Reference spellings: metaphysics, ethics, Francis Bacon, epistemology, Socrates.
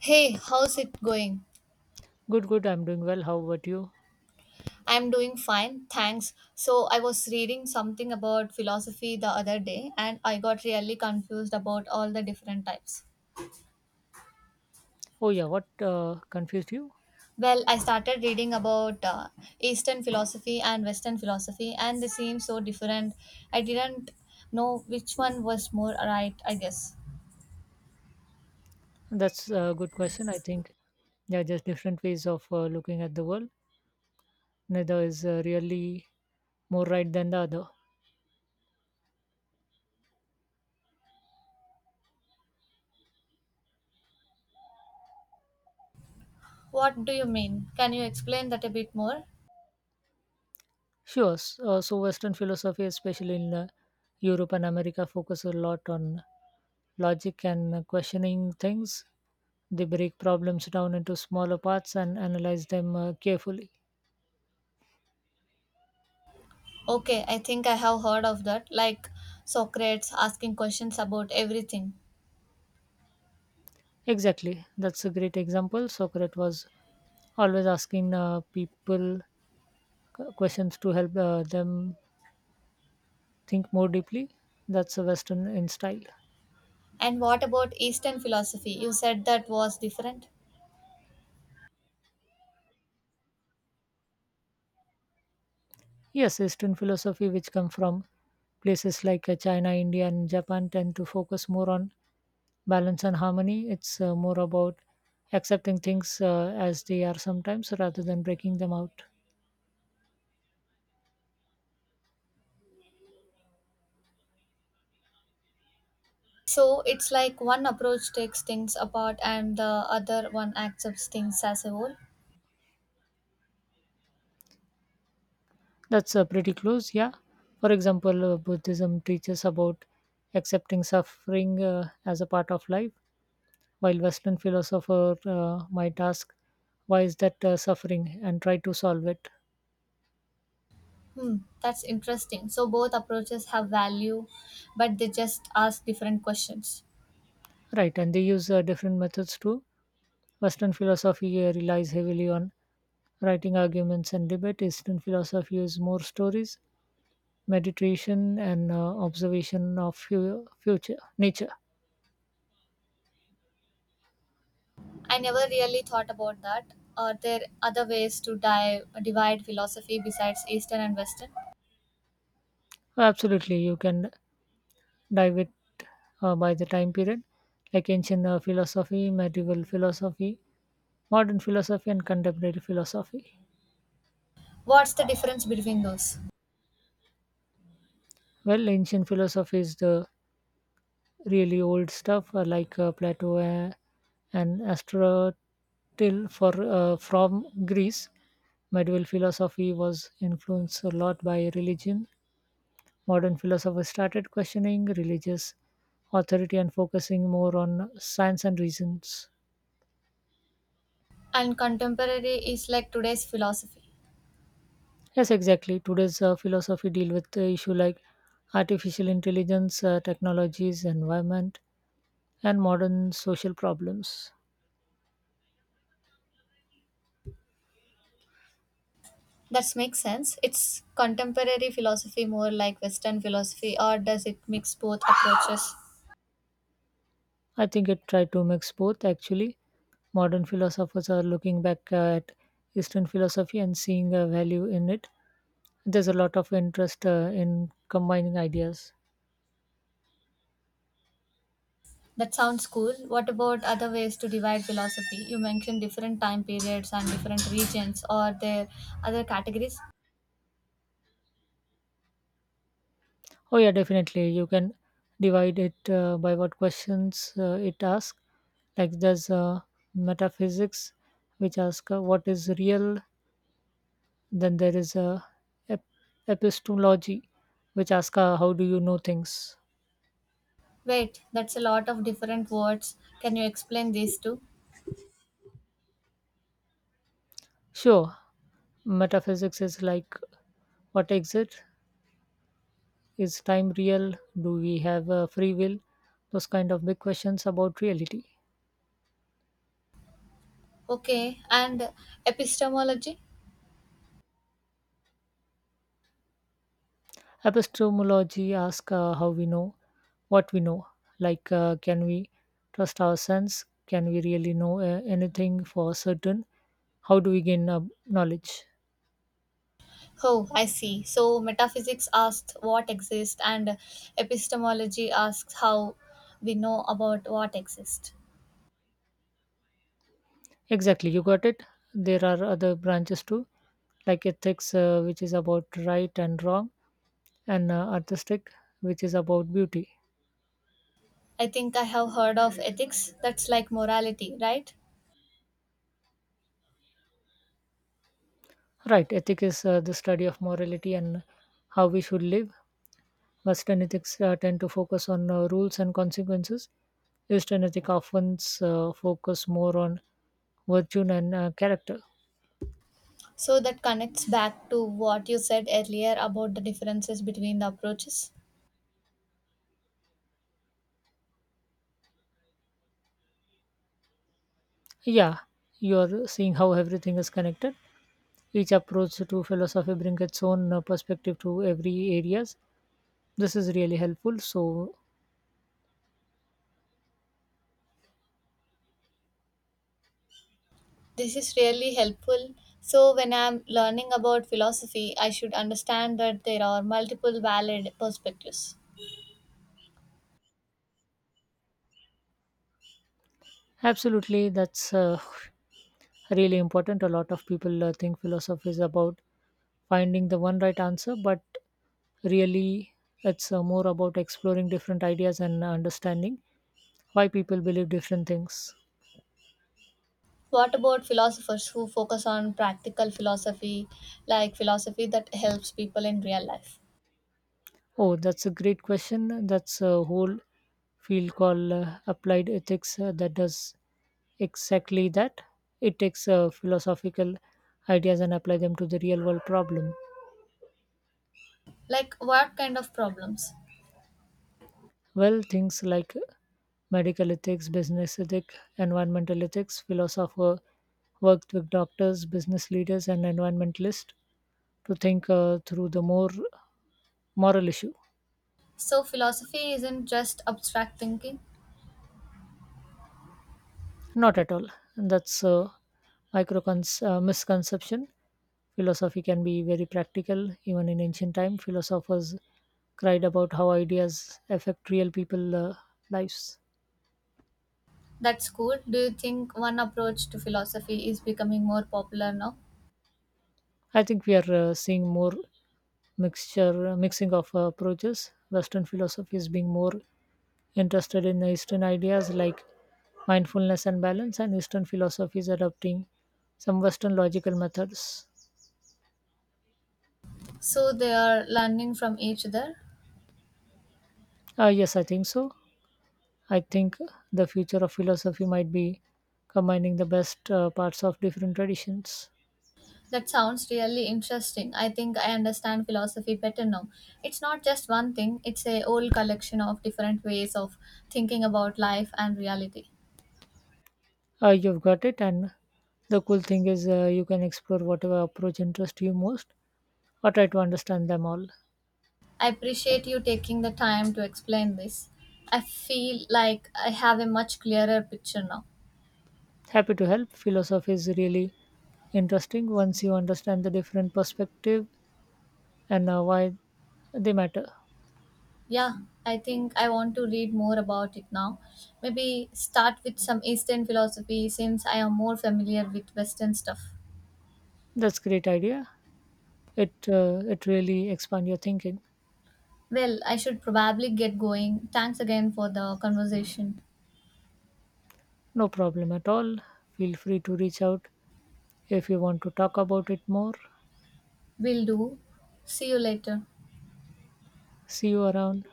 Hey, how's it going? Good, good. I'm doing well. How about you? I'm doing fine, thanks. So, I was reading something about philosophy the other day and I got really confused about all the different types. Oh, yeah. What confused you? Well, I started reading about Eastern philosophy and Western philosophy, and they seem so different. I didn't know which one was more right, I guess. That's a good question. I think, yeah, just different ways of looking at the world. Neither is really more right than the other. What do you mean? Can you explain that a bit more? Sure. Western philosophy, especially in Europe and America, focus a lot on logic and questioning things. They break problems down into smaller parts and analyze them carefully. Okay, I think I have heard of that, like Socrates asking questions about everything. Exactly. That's a great example. Socrates was always asking people questions to help them think more deeply. That's a Western in style. And what about Eastern philosophy? You said that was different. Yes, Eastern philosophy, which come from places like China, India, and Japan, tend to focus more on balance and harmony. It's more about accepting things as they are sometimes rather than breaking them out. So it's like one approach takes things apart and the other one accepts things as a whole. That's pretty close, yeah. For example, Buddhism teaches about accepting suffering as a part of life, while Western philosopher might ask, why is that suffering, and try to solve it. Hmm, that's interesting. So both approaches have value, but they just ask different questions. Right, and they use different methods too. Western philosophy relies heavily on writing arguments and debate. Eastern philosophy is more stories, meditation, and observation of future nature. I never really thought about that. Are there other ways to divide philosophy besides Eastern and Western? Absolutely, you can dive it by the time period, like ancient philosophy, medieval philosophy, modern philosophy, and contemporary philosophy. What's the difference between those? Well, ancient philosophy is the really old stuff like Plato and Aristotle for from Greece. Medieval philosophy was influenced a lot by religion. Modern philosophers started questioning religious authority and focusing more on science and reasons. And contemporary is like today's philosophy. Yes, exactly. Today's philosophy deal with issue like artificial intelligence, technologies, environment, and modern social problems. That makes sense. It's contemporary philosophy more like Western philosophy, or does it mix both approaches? I think it tried to mix both actually. Modern philosophers are looking back at Eastern philosophy and seeing a value in it. There's a lot of interest in combining ideas. That sounds cool. What about other ways to divide philosophy? You mentioned different time periods and different regions, or there other categories? Oh, yeah, definitely. You can divide it by what questions it asks. Like there's metaphysics, which asks what is real, then ep- epistemology, which asks how do you know things. Wait, that's a lot of different words. Can you explain these two? Sure, metaphysics is like, what exists? Is time real? Do we have free will? Those kind of big questions about reality. Okay, and epistemology? Epistemology asks how we know what we know. Like, can we trust our sense? Can we really know anything for certain? How do we gain knowledge? Oh, I see. So metaphysics asks what exists, and epistemology asks how we know about what exists. Exactly, you got it. There are other branches too, like ethics, which is about right and wrong, and artistic, which is about beauty. I think I have heard of ethics that's like morality, right? Right, ethic is the study of morality and how we should live. Western ethics tend to focus on rules and consequences. Eastern ethic often focus more on virtue and character. So that connects back to what you said earlier about the differences between the approaches. Yeah, you are seeing how everything is connected. Each approach to philosophy brings its own perspective to every areas. This is really helpful. So, This is really helpful. So, when I'm learning about philosophy, I should understand that there are multiple valid perspectives. absolutely, that's really important. A lot of people think philosophy is about finding the one right answer, but really it's more about exploring different ideas and understanding why people believe different things. What about philosophers who focus on practical philosophy, like philosophy that helps people in real life? Oh, that's a great question. That's a whole field called applied ethics that does exactly that. It takes philosophical ideas and apply them to the real world problem. Like, what kind of problems? Well, things like medical ethics, business ethics, environmental ethics, philosopher worked with doctors, business leaders, and environmentalists to think through the more moral issue. So, philosophy isn't just abstract thinking. Not at all. And that's a misconception. Philosophy can be very practical. Even in ancient time, philosophers cried about how ideas affect real people lives. That's cool. Do you think one approach to philosophy is becoming more popular now? I think we are seeing more mixing of approaches. Western philosophy is being more interested in Eastern ideas like mindfulness and balance, and Eastern philosophy is adopting some Western logical methods. So they are learning from each other? Yes, I think so. I think the future of philosophy might be combining the best parts of different traditions. That sounds really interesting. I think I understand philosophy better now. It's not just one thing, it's a whole collection of different ways of thinking about life and reality. You've got it, and the cool thing is you can explore whatever approach interests you most or try to understand them all. I appreciate you taking the time to explain this. I feel like I have a much clearer picture now. Happy to help. Philosophy is really interesting once you understand the different perspective and why they matter. Yeah, I think I want to read more about it now. Maybe start with some Eastern philosophy since I am more familiar with Western stuff. That's great idea. It really expand your thinking. Well, I should probably get going. Thanks again for the conversation. No problem at all. Feel free to reach out if you want to talk about it more. Will do. See you later. See you around.